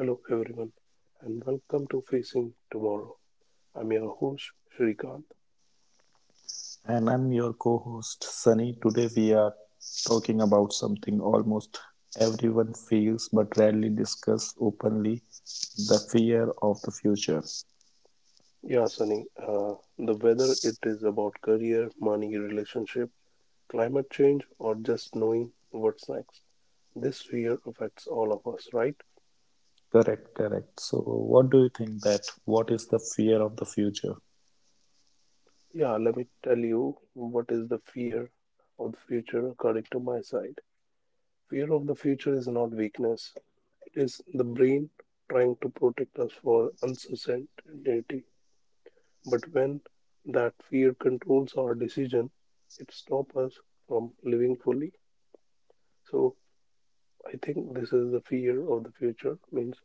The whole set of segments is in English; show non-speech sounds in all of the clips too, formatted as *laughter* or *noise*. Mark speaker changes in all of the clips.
Speaker 1: Hello, everyone, and welcome to Facing Tomorrow. I'm your host, Shrikant.
Speaker 2: And I'm your co host, Sunny. Today we are talking about something almost everyone feels but rarely discuss openly the fear of the future.
Speaker 1: Yeah, Sunny, the whether it is about career, money, relationship, climate change, or just knowing what's next, this fear affects all of us, right?
Speaker 2: Correct, correct. So, what do you think that what is the fear of the future?
Speaker 1: Yeah, let me tell you what is the fear of the future according to my side. Fear of the future is not weakness, it is the brain trying to protect us for uncertainty. But when that fear controls our decision, it stops us from living fully. So I think this is the fear of the future. Means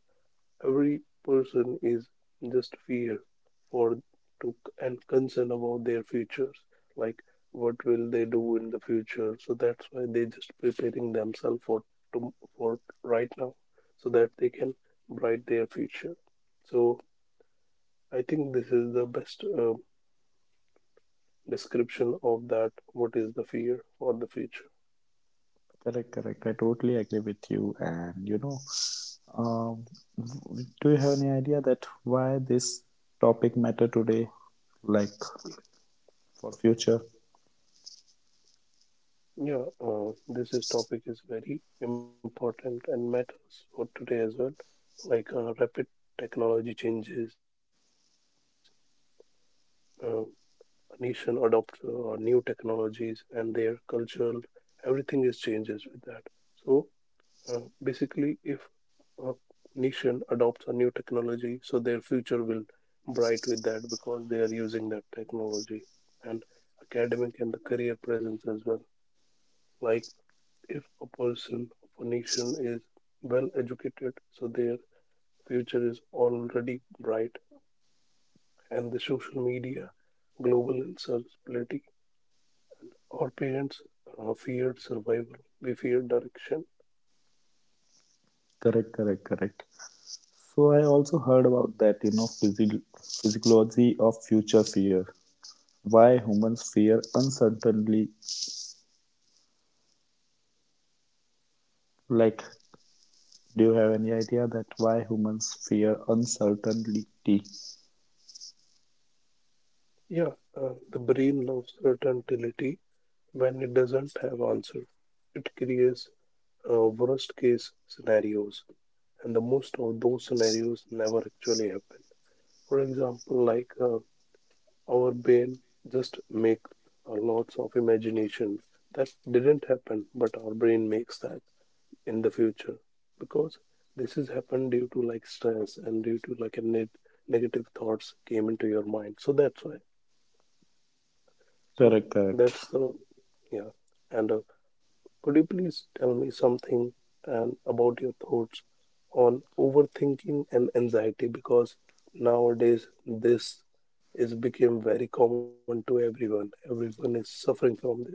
Speaker 1: every person is just fear for to and concern about their futures. Like what will they do in the future? So that's why they just preparing themselves for right now, so that they can bright their future. So I think this is the best description of that what is the fear or the future.
Speaker 2: Correct, correct. I totally agree with you. And you know, um, do you have any idea that why this topic matter today, like
Speaker 1: Yeah.
Speaker 2: for future?
Speaker 1: Yeah this is topic is very important and matters for today as well, like rapid technology changes, a nation adopt new technologies and their cultural everything is changes with that. So basically if a nation adopts a new technology, so their future will bright with that because they are using that technology, and academic and the career presence as well. Like if a person of a nation is well educated, so their future is already bright, and the social media, global instability, our parents feared survival, we fear direction.
Speaker 2: Correct, correct, correct. So I also heard about that, you know, physiology of future fear. Why humans fear uncertainty? Like, do you have any idea that why humans fear uncertainty?
Speaker 1: Yeah, the brain loves certainty. When it doesn't have answer, it creates worst case scenarios, and the most of those scenarios never actually happen. For example, like our brain just makes lots of imagination that didn't happen, but our brain makes that in the future, because this has happened due to like stress and due to like a net negative thoughts came into your mind. So that's why. So
Speaker 2: Correct,
Speaker 1: that's the
Speaker 2: correct.
Speaker 1: Yeah. And could you please tell me something and about your thoughts on overthinking and anxiety, because nowadays this is became very common to everyone. Everyone is suffering from this.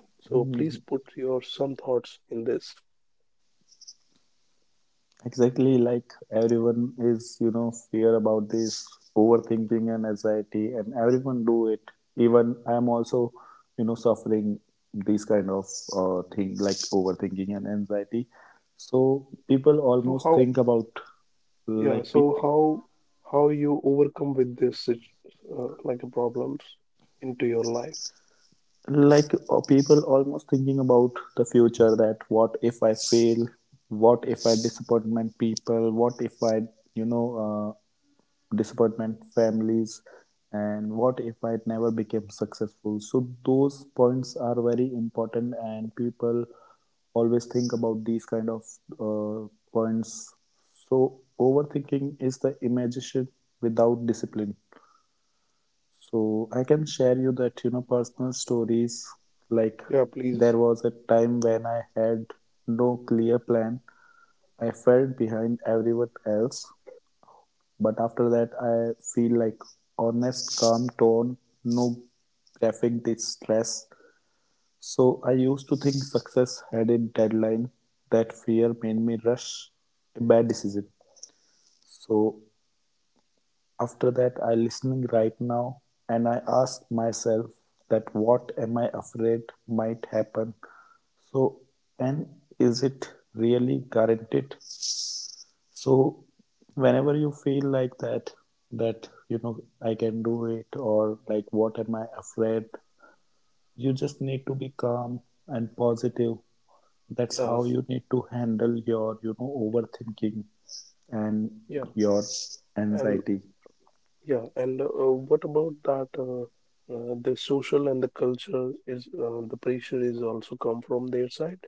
Speaker 1: So please
Speaker 2: Hmm.
Speaker 1: put your some thoughts in this.
Speaker 2: Exactly like everyone is, you know, fear about this overthinking and anxiety, and everyone do it. Even I am also, you know, suffering these kind of thing like overthinking and anxiety. So people
Speaker 1: So
Speaker 2: almost
Speaker 1: how
Speaker 2: think about
Speaker 1: Yeah,
Speaker 2: like
Speaker 1: so
Speaker 2: pe-
Speaker 1: how you overcome with this like problems into your life.
Speaker 2: like people almost thinking about the future that what if I fail, what if I disappointment people, what if I, you know, uh, disappointment, families, and what if I never became successful. So those points are very important, and people always think about these kind of points. So overthinking is the imagination without discipline. So I can share you that you know personal stories like
Speaker 1: Yeah, please.
Speaker 2: there was a time when I had no clear plan. I fell behind everyone else but after that, I feel like honest, calm tone, no graphic distress. So I used to think success had a deadline. That fear made me rush a bad decision. So after that, I listening right now and I ask myself that what am I afraid might happen. So and is it really guaranteed? So whenever you feel like that, that you know I can do it, or like what am I afraid? You just need to be calm and positive. That's
Speaker 1: Yeah,
Speaker 2: how you need to handle your you know overthinking and
Speaker 1: yeah.
Speaker 2: your
Speaker 1: And
Speaker 2: anxiety.
Speaker 1: Yeah, and what about that? The social and the culture is the pressure is also come from their side.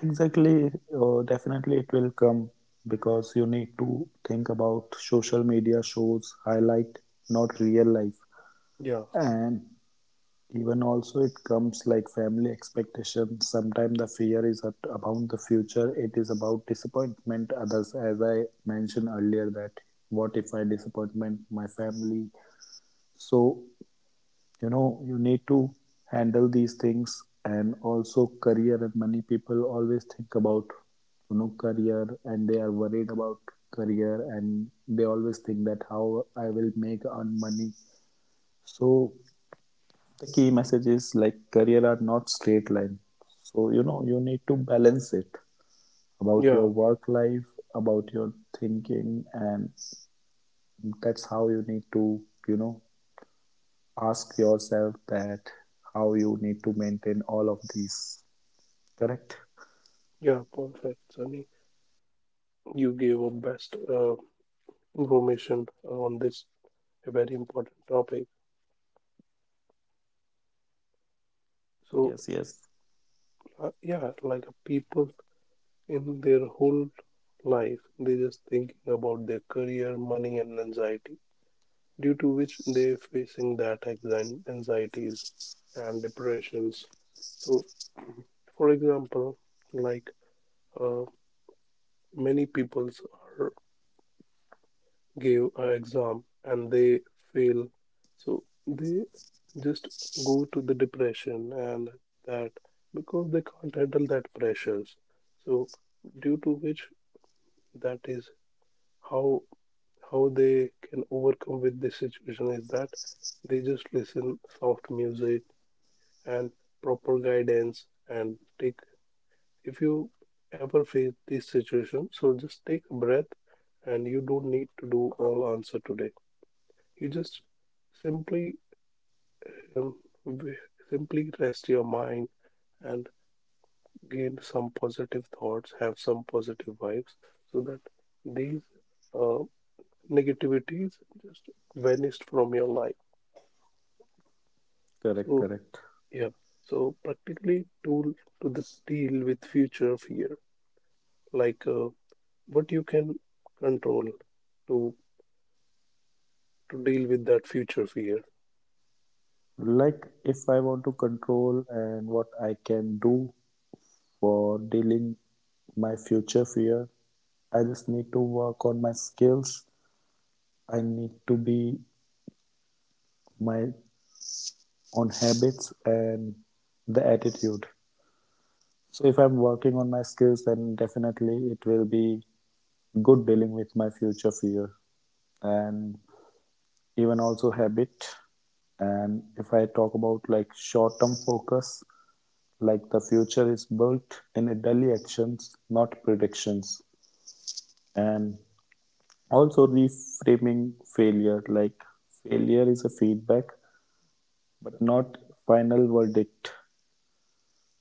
Speaker 2: Exactly, definitely it will come because you need to think about social media shows highlight, not real life.
Speaker 1: Yeah,
Speaker 2: And even also it comes like family expectation. Sometimes the fear is about the future. It is about disappointment others. As I mentioned earlier that what if I disappointment my family? So, you know, you need to handle these things and also career and money. People always think about, you know, career and they are worried about career and they always think that how I will make on money. So the key message is like career are not straight line so you know you need to balance it about your
Speaker 1: yeah,
Speaker 2: work life about your thinking and that's how you need to you know ask yourself that how you need to maintain all of these correct.
Speaker 1: yeah. Perfect, Sunny. You gave a best information on this very important topic. So
Speaker 2: Yes, yes.
Speaker 1: yeah, like people in their whole life, they just thinking about their career, money, and anxiety, due to which they're facing that anxieties and depressions. So, for example, like uh, many peoples are give an exam and they fail, so they just go to the depression, and that because they can't handle that pressures. So, due to which, that is how how they can overcome with this situation is that they just listen soft music and proper guidance and take, if you ever face this situation, so just take a breath, and you don't need to do all answer today. You just simply um, simply rest your mind and gain some positive thoughts, have some positive vibes, so that these uh, negativities just vanished from your life.
Speaker 2: Correct,
Speaker 1: So,
Speaker 2: correct.
Speaker 1: yeah, so practically tool to this deal with future fear, like what you can control to to deal with that future fear.
Speaker 2: Like if I want to control and what I can do for dealing my future fear, I just need to work on my skills, I need to be my own habits and the attitude. So if I'm working on my skills, then definitely it will be good dealing with my future fear and even also habit. And if I talk about like short term focus, like the future is built in a daily actions, not predictions. And also reframing failure, like failure is a feedback, but not final verdict.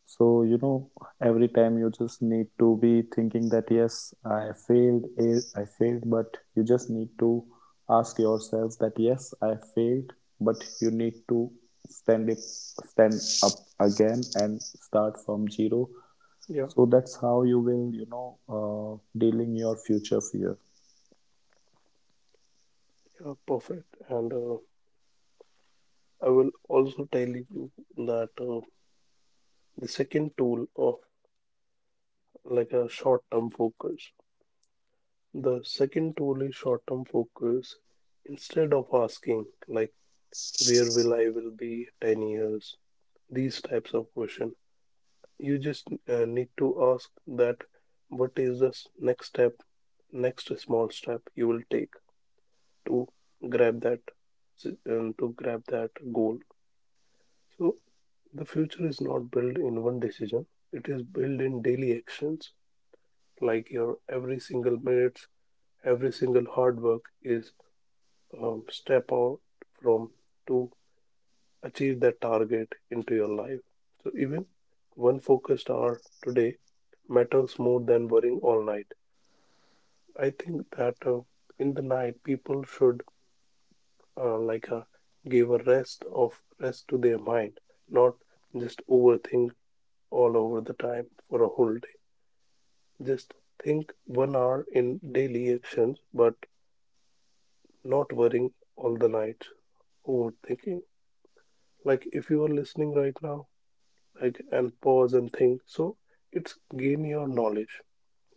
Speaker 2: So, you know, every time you just need to be thinking that, yes, I failed, eh, I failed, but you just need to ask yourself that, yes, I failed, but you need to stand up again and start from zero.
Speaker 1: Yeah,
Speaker 2: So that's how you will, you know, dealing your future fear.
Speaker 1: yeah, perfect. And I will also tell you that the second tool of like a short-term focus. The second tool is short-term focus. Instead of asking, like, where will I will be 10 years, these types of question, you just need to ask that what is the next step, next small step you will take to grab that grab that goal. So the future is not built in one decision. It is built in daily actions, like your every single minute, every single hard work is step out from to achieve that target into your life. So even one focused hour today matters more than worrying all night. I think that in the night people should uh, like uh, give a rest of rest to their mind, not just overthink all over the time for a whole day. Just think 1 hour in daily actions, but not worrying all the night. Overthinking. Like, if you are listening right now, like, and pause and think. So it's gain your knowledge.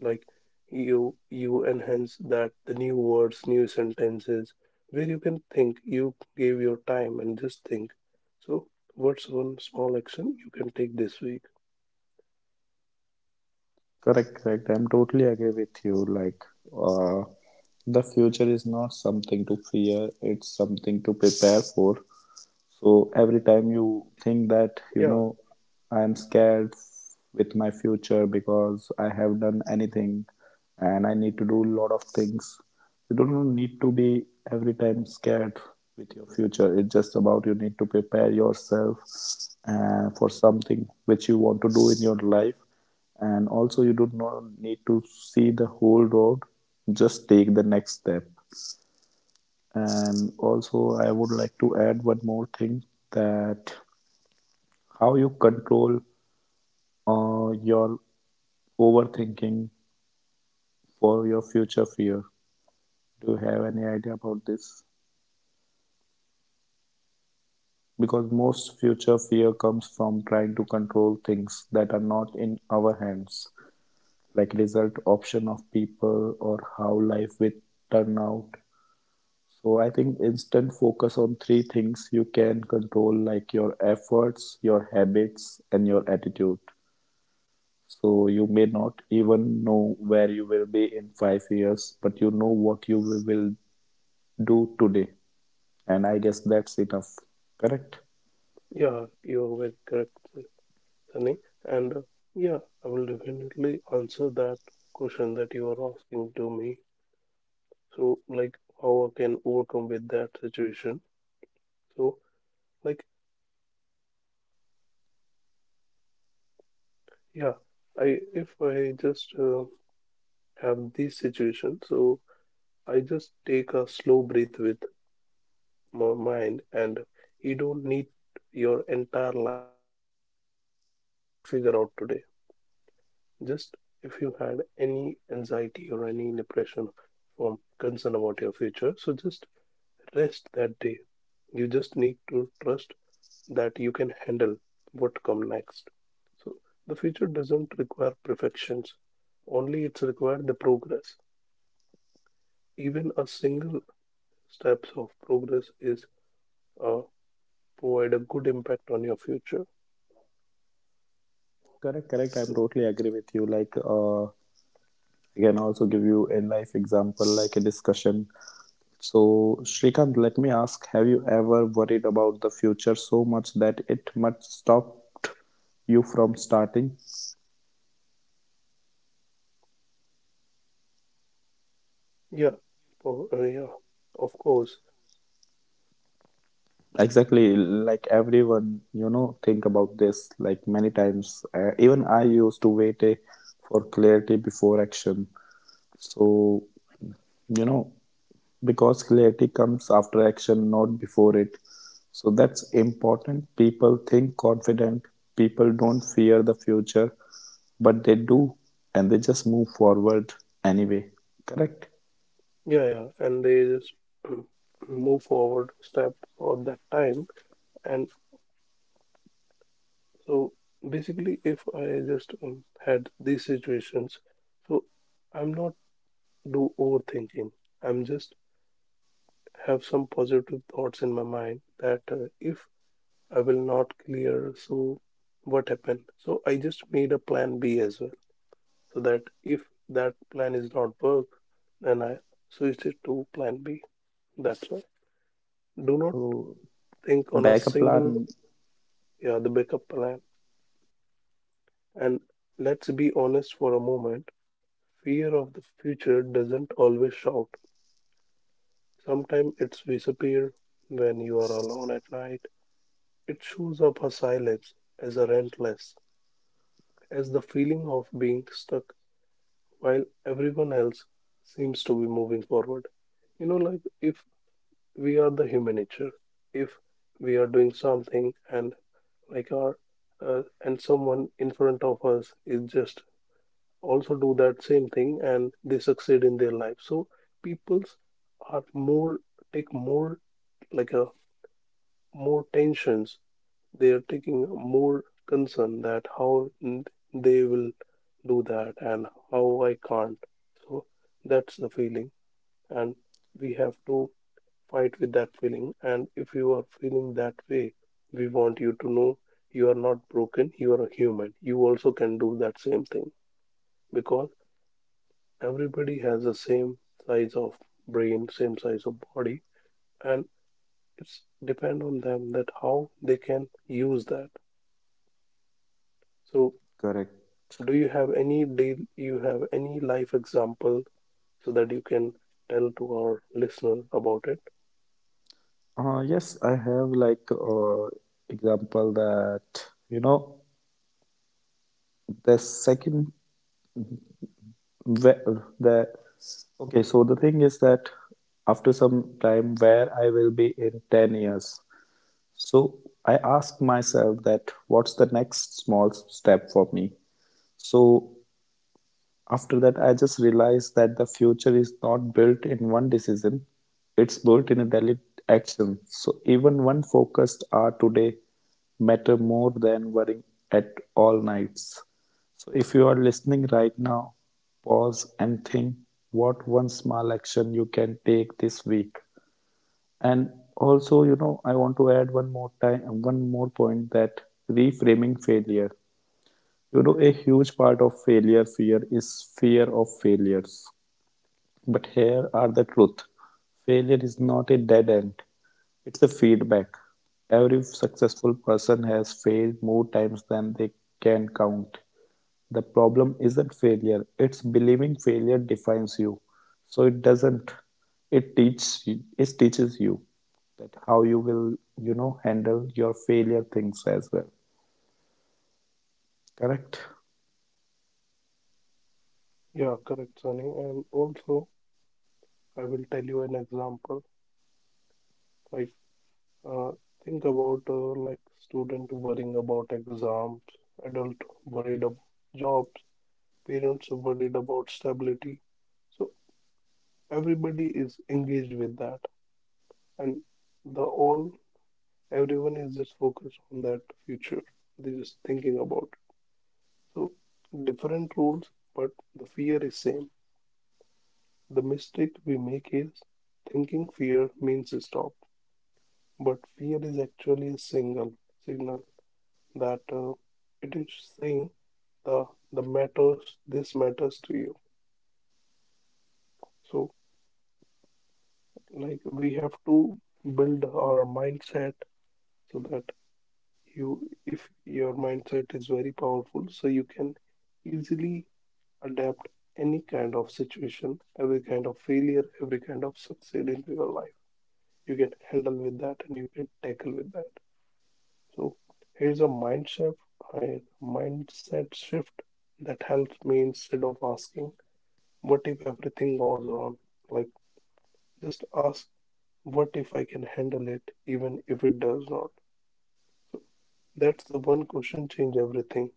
Speaker 1: Like, you enhance that the new words, new sentences, where you can think. You gave your time and just think. So what's one small action you can take this week?
Speaker 2: Correct, correct. I'm totally agree with you. Like, uh, the future is not something to fear, it's something to prepare for. So every time you think that,
Speaker 1: Yeah,
Speaker 2: you know, I'm scared with my future because I have done anything and I need to do a lot of things. You don't need to be every time scared with your future. It's just about you need to prepare yourself for something which you want to do in your life. And also, you do not need to see the whole road, just take the next step. And also, I would like to add one more thing that how you control your overthinking for your future fear. Do you have any idea about this? Because most future fear comes from trying to control things that are not in our hands, like result option of people or how life will turn out. So I think instant focus on three things you can control, like your efforts, your habits, and your attitude. So you may not even know where you will be in 5 years, but you know what you will do today. And I guess that's enough. Correct?
Speaker 1: yeah, you're very correct, Sunny. And yeah, I will definitely answer that question that you are asking to me. So, like, how I can overcome with that situation. So, like, yeah, I if I just have this situation, so I just take a slow breath with my mind, and you don't need your entire life figure out today. Just, if you had any anxiety or any depression from concern about your future, so just rest that day. You just need to trust that you can handle what come next. So the future doesn't require perfections, only it's required the progress. Even a single steps of progress is uh, provide a good impact on your future.
Speaker 2: Correct, correct. I'm
Speaker 1: So,
Speaker 2: totally agree with you. Like, I can also give you a life example, like a discussion. So, Shrikant, let me ask, have you ever worried about the future so much that it might stop you from starting?
Speaker 1: yeah. Yeah, of course.
Speaker 2: Exactly, like everyone, you know, think about this like many times. Even I used to for clarity before action. So, you know, because clarity comes after action, not before it. So that's important. People think confident. People don't fear the future, but they do, and they just move forward anyway. Correct.
Speaker 1: Yeah, yeah, and they just *clears throat* move forward step for that time. And, so, basically, if I just had these situations, so I'm not do overthinking. I'm just have some positive thoughts in my mind that, if I will not clear, so what happened? So I just made a plan B as well, so that if that plan is not work, then I switch it to plan B. That's why. Do not
Speaker 2: So
Speaker 1: think on a
Speaker 2: backup
Speaker 1: single.
Speaker 2: plan.
Speaker 1: Yeah, the backup plan. And let's be honest for a moment. Fear of the future doesn't always shout. Sometimes it's disappear when you are alone at night. It shows up her silence, as a rentless, as the feeling of being stuck while everyone else seems to be moving forward. You know, like if we are the human nature, if we are doing something and like our and someone in front of us is just also do that same thing and they succeed in their life. So people's are more take more, like a more tensions, they are taking more concern that how they will do that and how I can't. So that's the feeling, and we have to fight with that feeling. And if you are feeling that way, we want you to know, you are not broken, you are a human. You also can do that same thing because everybody has the same size of brain, same size of body, and it's depend on them that how they can use that. So
Speaker 2: Correct.
Speaker 1: do you have any deal you have any life example so that you can tell to our listener about it?
Speaker 2: Yes, I have like example that you know the second where the okay. So the thing is that after some time, where I will be in 10 years. So I ask myself that what's the next small step for me. So after that, I just realized that the future is not built in one decision, it's built in a daily action. So, even one focused hour today matter more than worrying at all nights. So, if you are listening right now, pause and think what one small action you can take this week. And also, you know, I want to add one more time, one more point that reframing failure. You know, a huge part of failure fear is fear of failures. But here are the truth. Failure is not a dead end. It's a feedback. Every successful person has failed more times than they can count. The problem isn't failure, it's believing failure defines you. So it doesn't. It teaches it teaches you that how you will, you know, handle your failure things as well. Correct?
Speaker 1: Yeah, correct, Sunny. And also, I will tell you an example, like uh, think about, like, student worrying about exams, adult worried about jobs, parents worried about stability. So everybody is engaged with that, and the all everyone is just focused on that future, they're just thinking about. So different rules, but the fear is same. The mistake we make is thinking fear means stop, but fear is actually a single signal that, it is saying, the the matters this matters to you. So, like, we have to build our mindset, so that you, if your mindset is very powerful, so you can easily adapt any kind of situation, every kind of failure, every kind of succeed into your life. You can handle with that and you can tackle with that. So, here's a mind shift, a mindset shift that helps me. Instead of asking, what if everything goes wrong? Like, just ask, what if I can handle it even if it does not? So that's the one question change everything,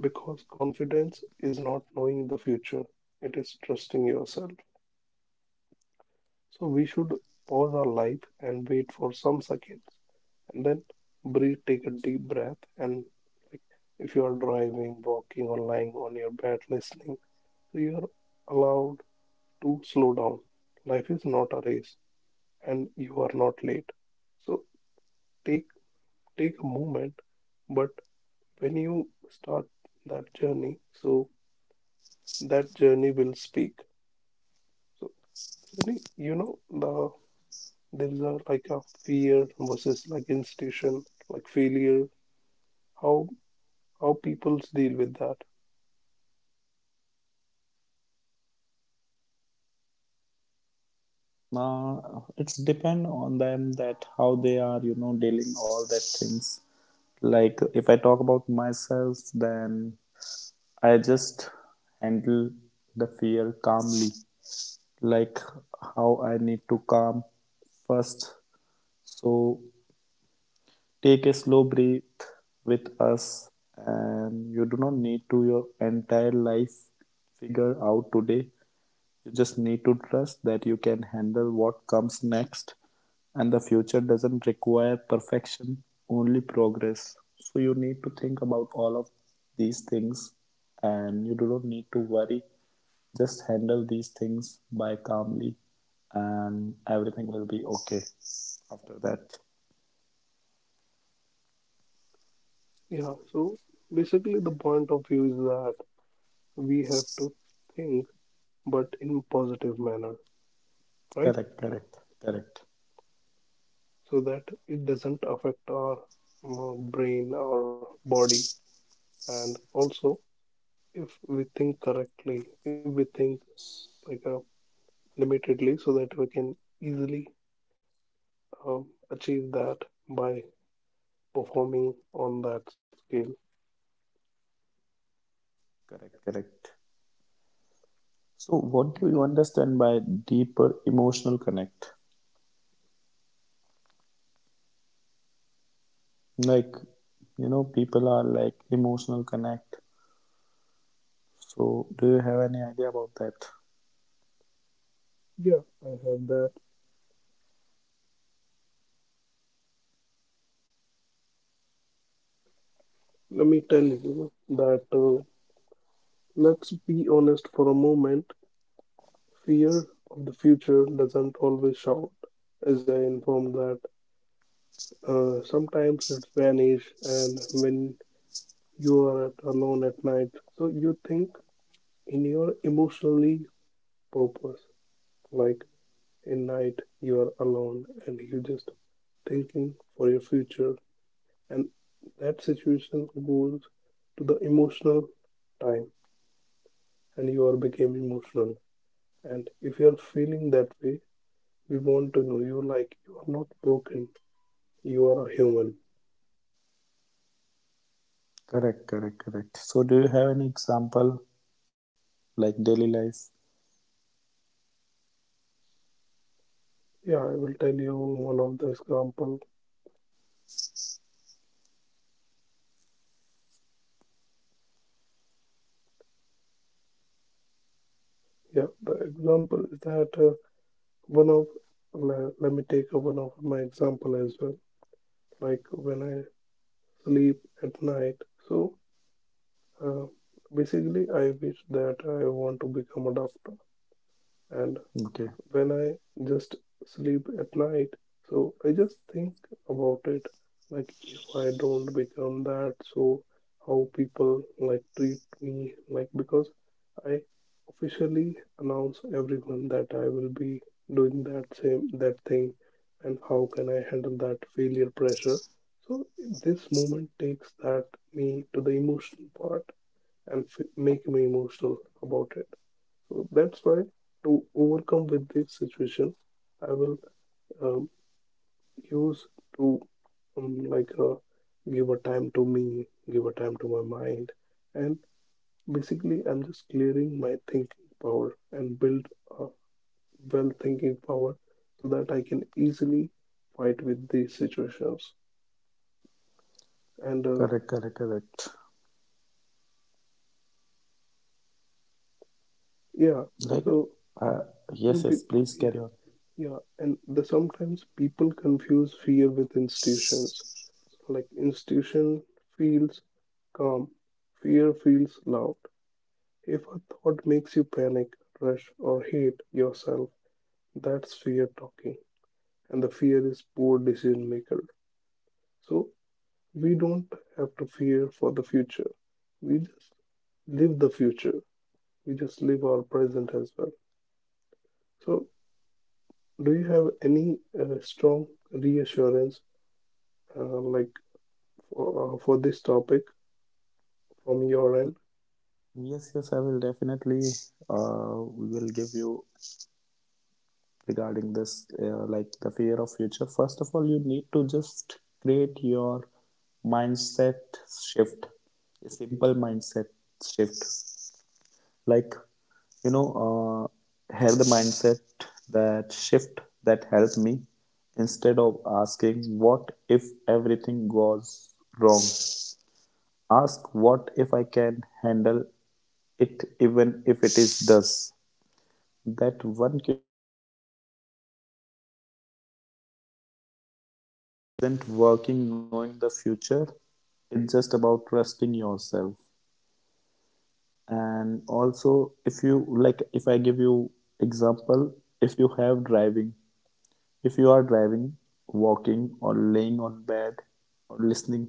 Speaker 1: because confidence is not knowing the future. It is trusting yourself. So we should pause our life and wait for some seconds, and then breathe, take a deep breath. And, like, if you are driving, walking, or lying on your bed listening, so you are allowed to slow down. Life is not a race, and you are not late. So take take a moment, but when you start that journey, so that journey will speak. So Sunny, you know there is a like a fear versus like institution like failure how how people deal with that.
Speaker 2: Now it's depend on them that how they are, you know, dealing all that things. Like if I talk about myself, then I just handle the fear calmly. Like how I need to calm first. So take a slow breath with us, and you do not need to your entire life figure out today. You just need to trust that you can handle what comes next and the future doesn't require perfection, only progress. So you need to think about all of these things and you do not need to worry. Just handle these things by calmly and everything will be okay after that.
Speaker 1: Yeah, so basically the point of view is that we have to think but in positive manner, right,
Speaker 2: Correct, correct, correct,
Speaker 1: so that it doesn't affect our uh, brain, our body, and also if we think correctly, if we think like limitedly so that we can easily um, achieve that by performing on that scale.
Speaker 2: correct, correct. So what do you understand by deeper emotional connect? Like you know, people are like emotional connect. So, do you have any idea about that?
Speaker 1: Yeah, I have that. Let me tell you that let's be honest for a moment. Fear of the future doesn't always shout, as I informed that. Sometimes it vanish, and when you are alone at night, so you think in your emotionally purpose. Like in night, you are alone, and you just thinking for your future, and that situation goes to the emotional time and you are became emotional. And if you are feeling that way, we want to know you like you are not broken. You are a human.
Speaker 2: Correct, correct, correct. So, do you have any example like daily life?
Speaker 1: Yeah, I will tell you one of the example. Yeah, the example is that one of let me take one of my example as well. Like when I sleep at night, so uh, basically I wish that I want to become a doctor, and
Speaker 2: Okay,
Speaker 1: when I just sleep at night. So I just think about it like if I don't become that, so how people like treat me, like because I officially announce everyone that I will be doing that same that thing, and how can I handle that failure pressure. So this moment takes that me to the emotional part and make me emotional about it. So that's why to overcome with this situation, I will um, use to um, like uh, give a time to me, give a time to my mind, and basically I'm just clearing my thinking power and build a well thinking power so that I can easily fight with these situations. And
Speaker 2: correct, correct, correct.
Speaker 1: yeah,
Speaker 2: Like,
Speaker 1: so
Speaker 2: uh,
Speaker 1: some
Speaker 2: yes, yes,
Speaker 1: people,
Speaker 2: please
Speaker 1: yeah,
Speaker 2: carry on.
Speaker 1: yeah, and the sometimes people confuse fear with institutions, like institution feels calm, fear feels loud. If a thought makes you panic, rush, or hate yourself, that's fear talking. And the fear is poor decision maker. So we don't have to fear for the future. We just live the future. We just live our present as well. So do you have any strong reassurance like for this topic from your end?
Speaker 2: Yes, yes, I will definitely uh, will give you regarding this like the fear of future. First of all, you need to just create your mindset shift, a simple mindset shift. Like you know have the mindset that shift that helped me instead of asking what if everything goes wrong, ask what if I can handle it even if it is does that one working knowing the future. It's just about trusting yourself. And also if you like, if I give you example, if you have driving if you are driving, walking or laying on bed or listening,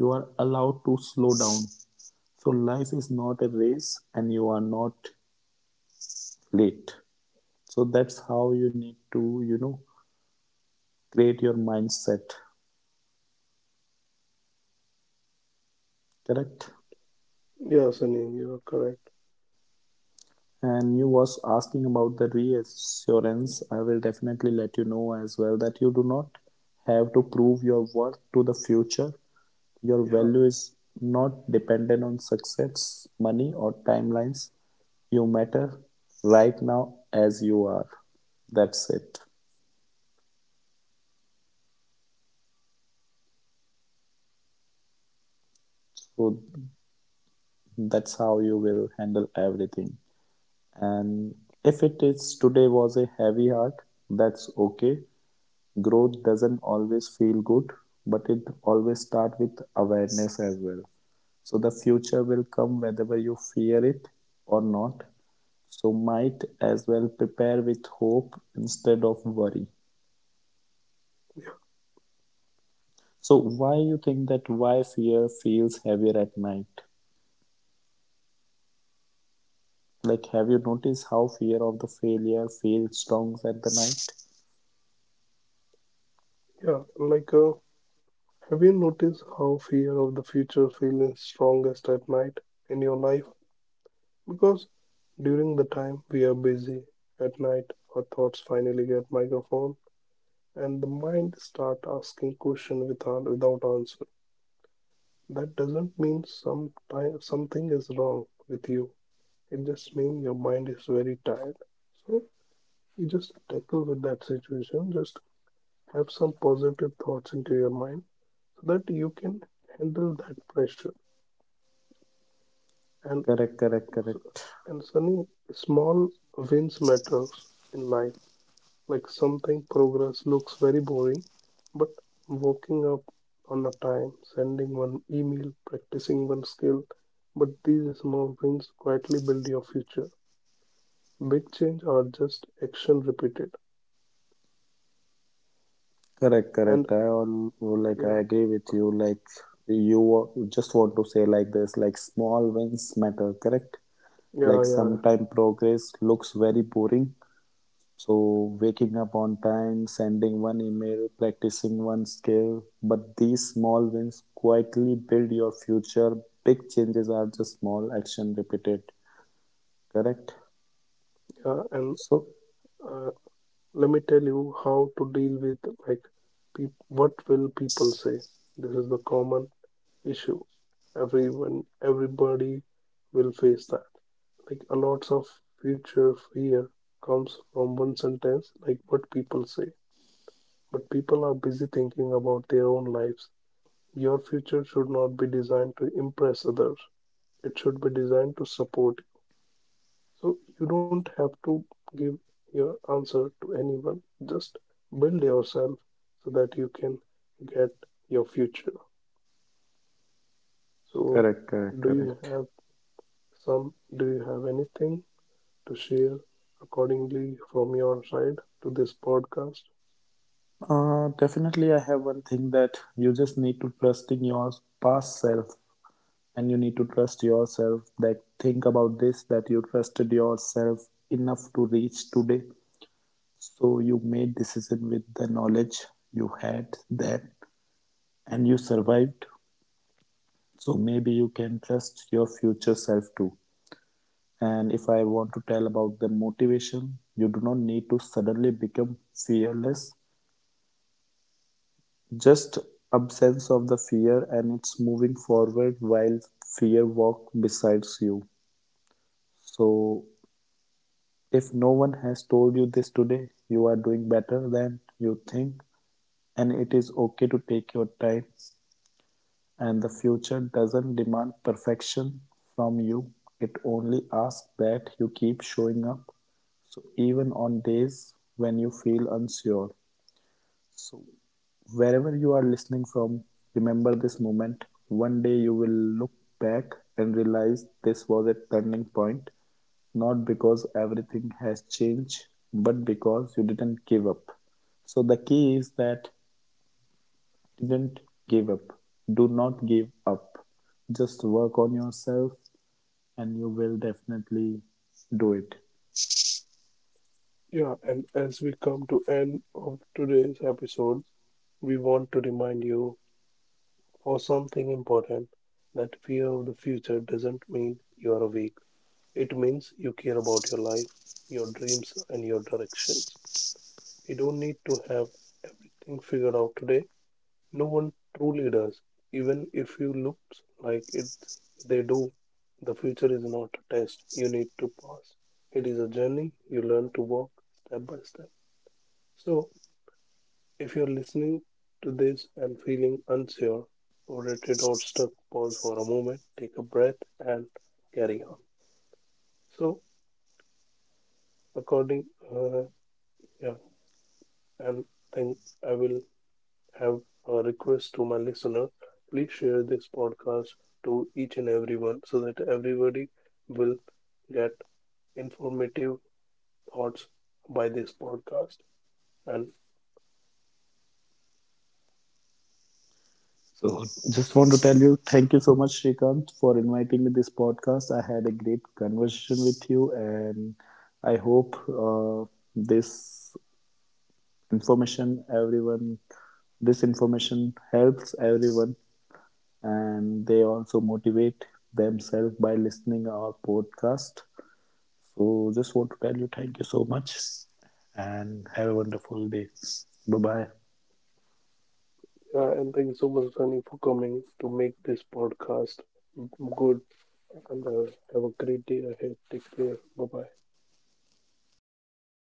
Speaker 2: you are allowed to slow down. So life is not a race and you are not late. So that's how you need to you know create your mindset. Correct.
Speaker 1: Yeah, Sunny, you are correct.
Speaker 2: And you was asking about the reassurance. I will definitely let you know as well that you do not have to prove your worth to the future. Your
Speaker 1: Yeah.
Speaker 2: value is not dependent on success, money, or timelines. You matter right now as you are. That's it. So that's how you will handle everything. And if it is today was a heavy heart, that's okay. Growth doesn't always feel good, but it always starts with awareness as well. So the future will come whether you fear it or not. So might as well prepare with hope instead of worry. So why you think that why fear feels heavier at night? Like have you noticed how fear of the failure feels strong at the night?
Speaker 1: Yeah, have you noticed how fear of the future feels strongest at night in your life? Because during the time we are busy at night, our thoughts finally get microphone, and the mind start asking question without answer. That doesn't mean some time, something is wrong with you. It just means your mind is very tired. So you just tackle with that situation. Just have some positive thoughts into your mind so that you can handle that pressure. And
Speaker 2: Correct, correct, correct.
Speaker 1: and Sunny, small wins matters in life. Like something progress looks very boring, but waking up on a time, sending one email, practicing one skill, but these small wins quietly build your future. Big change are just action repeated.
Speaker 2: Correct,
Speaker 1: And
Speaker 2: correct.
Speaker 1: yeah,
Speaker 2: I agree with you. Like just want to say like this, like small wins matter, correct?
Speaker 1: yeah,
Speaker 2: Like
Speaker 1: yeah,
Speaker 2: sometime progress looks very boring. So waking up on time, sending one email, practicing one skill, but these small wins quietly build your future. Big changes are just small action repeated, correct?
Speaker 1: yeah. And
Speaker 2: So
Speaker 1: uh, let me tell you how to deal with like peop what will people say. This is the common issue everyone everybody will face that, like a lot of future fear comes from one sentence like what people say, but people are busy thinking about their own lives. Your future should not be designed to impress others, it should be designed to support. So you don't have to give your answer to anyone. Just build yourself so that you can get your future. So
Speaker 2: correct, correct,
Speaker 1: do you
Speaker 2: correct.
Speaker 1: have do you have anything to share accordingly from your side to this podcast?
Speaker 2: Definitely, I have one thing that you just need to trust in your past self and you need to trust yourself that think about this that you trusted yourself enough to reach today, so you made decision with the knowledge you had then and you survived. So maybe you can trust your future self too. And if I want to tell about the motivation, you do not need to suddenly become fearless, just absence of the fear and it's moving forward while fear walk besides you. So if no one has told you this today, you are doing better than you think and it is okay to take your time and the future doesn't demand perfection from you. It only asks that you keep showing up. So even on days when you feel unsure. So wherever you are listening from, remember this moment. One day you will look back and realize this was a turning point, not because everything has changed, but because you didn't give up. So the key is that didn't give up. Do not give up. Just work on yourself and you will definitely do it.
Speaker 1: Yeah, and as we come to end of today's episode, we want to remind you for something important, that fear of the future doesn't mean you are weak. It means you care about your life, your dreams, and your directions. You don't need to have everything figured out today. No one truly does. Even if you look like it, they do. The future is not a test you need to pass. It is a journey you learn to walk step by step. So, if you're listening to this and feeling unsure, overrated, or stuck, pause for a moment, take a breath, and carry on. So, according, uh, yeah, and think I will have a request to my listener. Please share this podcast to each and everyone so that everybody will get informative thoughts by this podcast. And
Speaker 2: So just want to tell you, thank you so much, Shrikant, for inviting me this podcast. I had a great conversation with you, and I hope this information, everyone, this information helps everyone, and they also motivate themselves by listening our podcast. So just want to tell you, thank you so much, and have a wonderful day. Bye
Speaker 1: and thank you so much, Sunny, for coming to make this podcast good. And have a great day ahead. Take care. Bye bye.
Speaker 2: bye.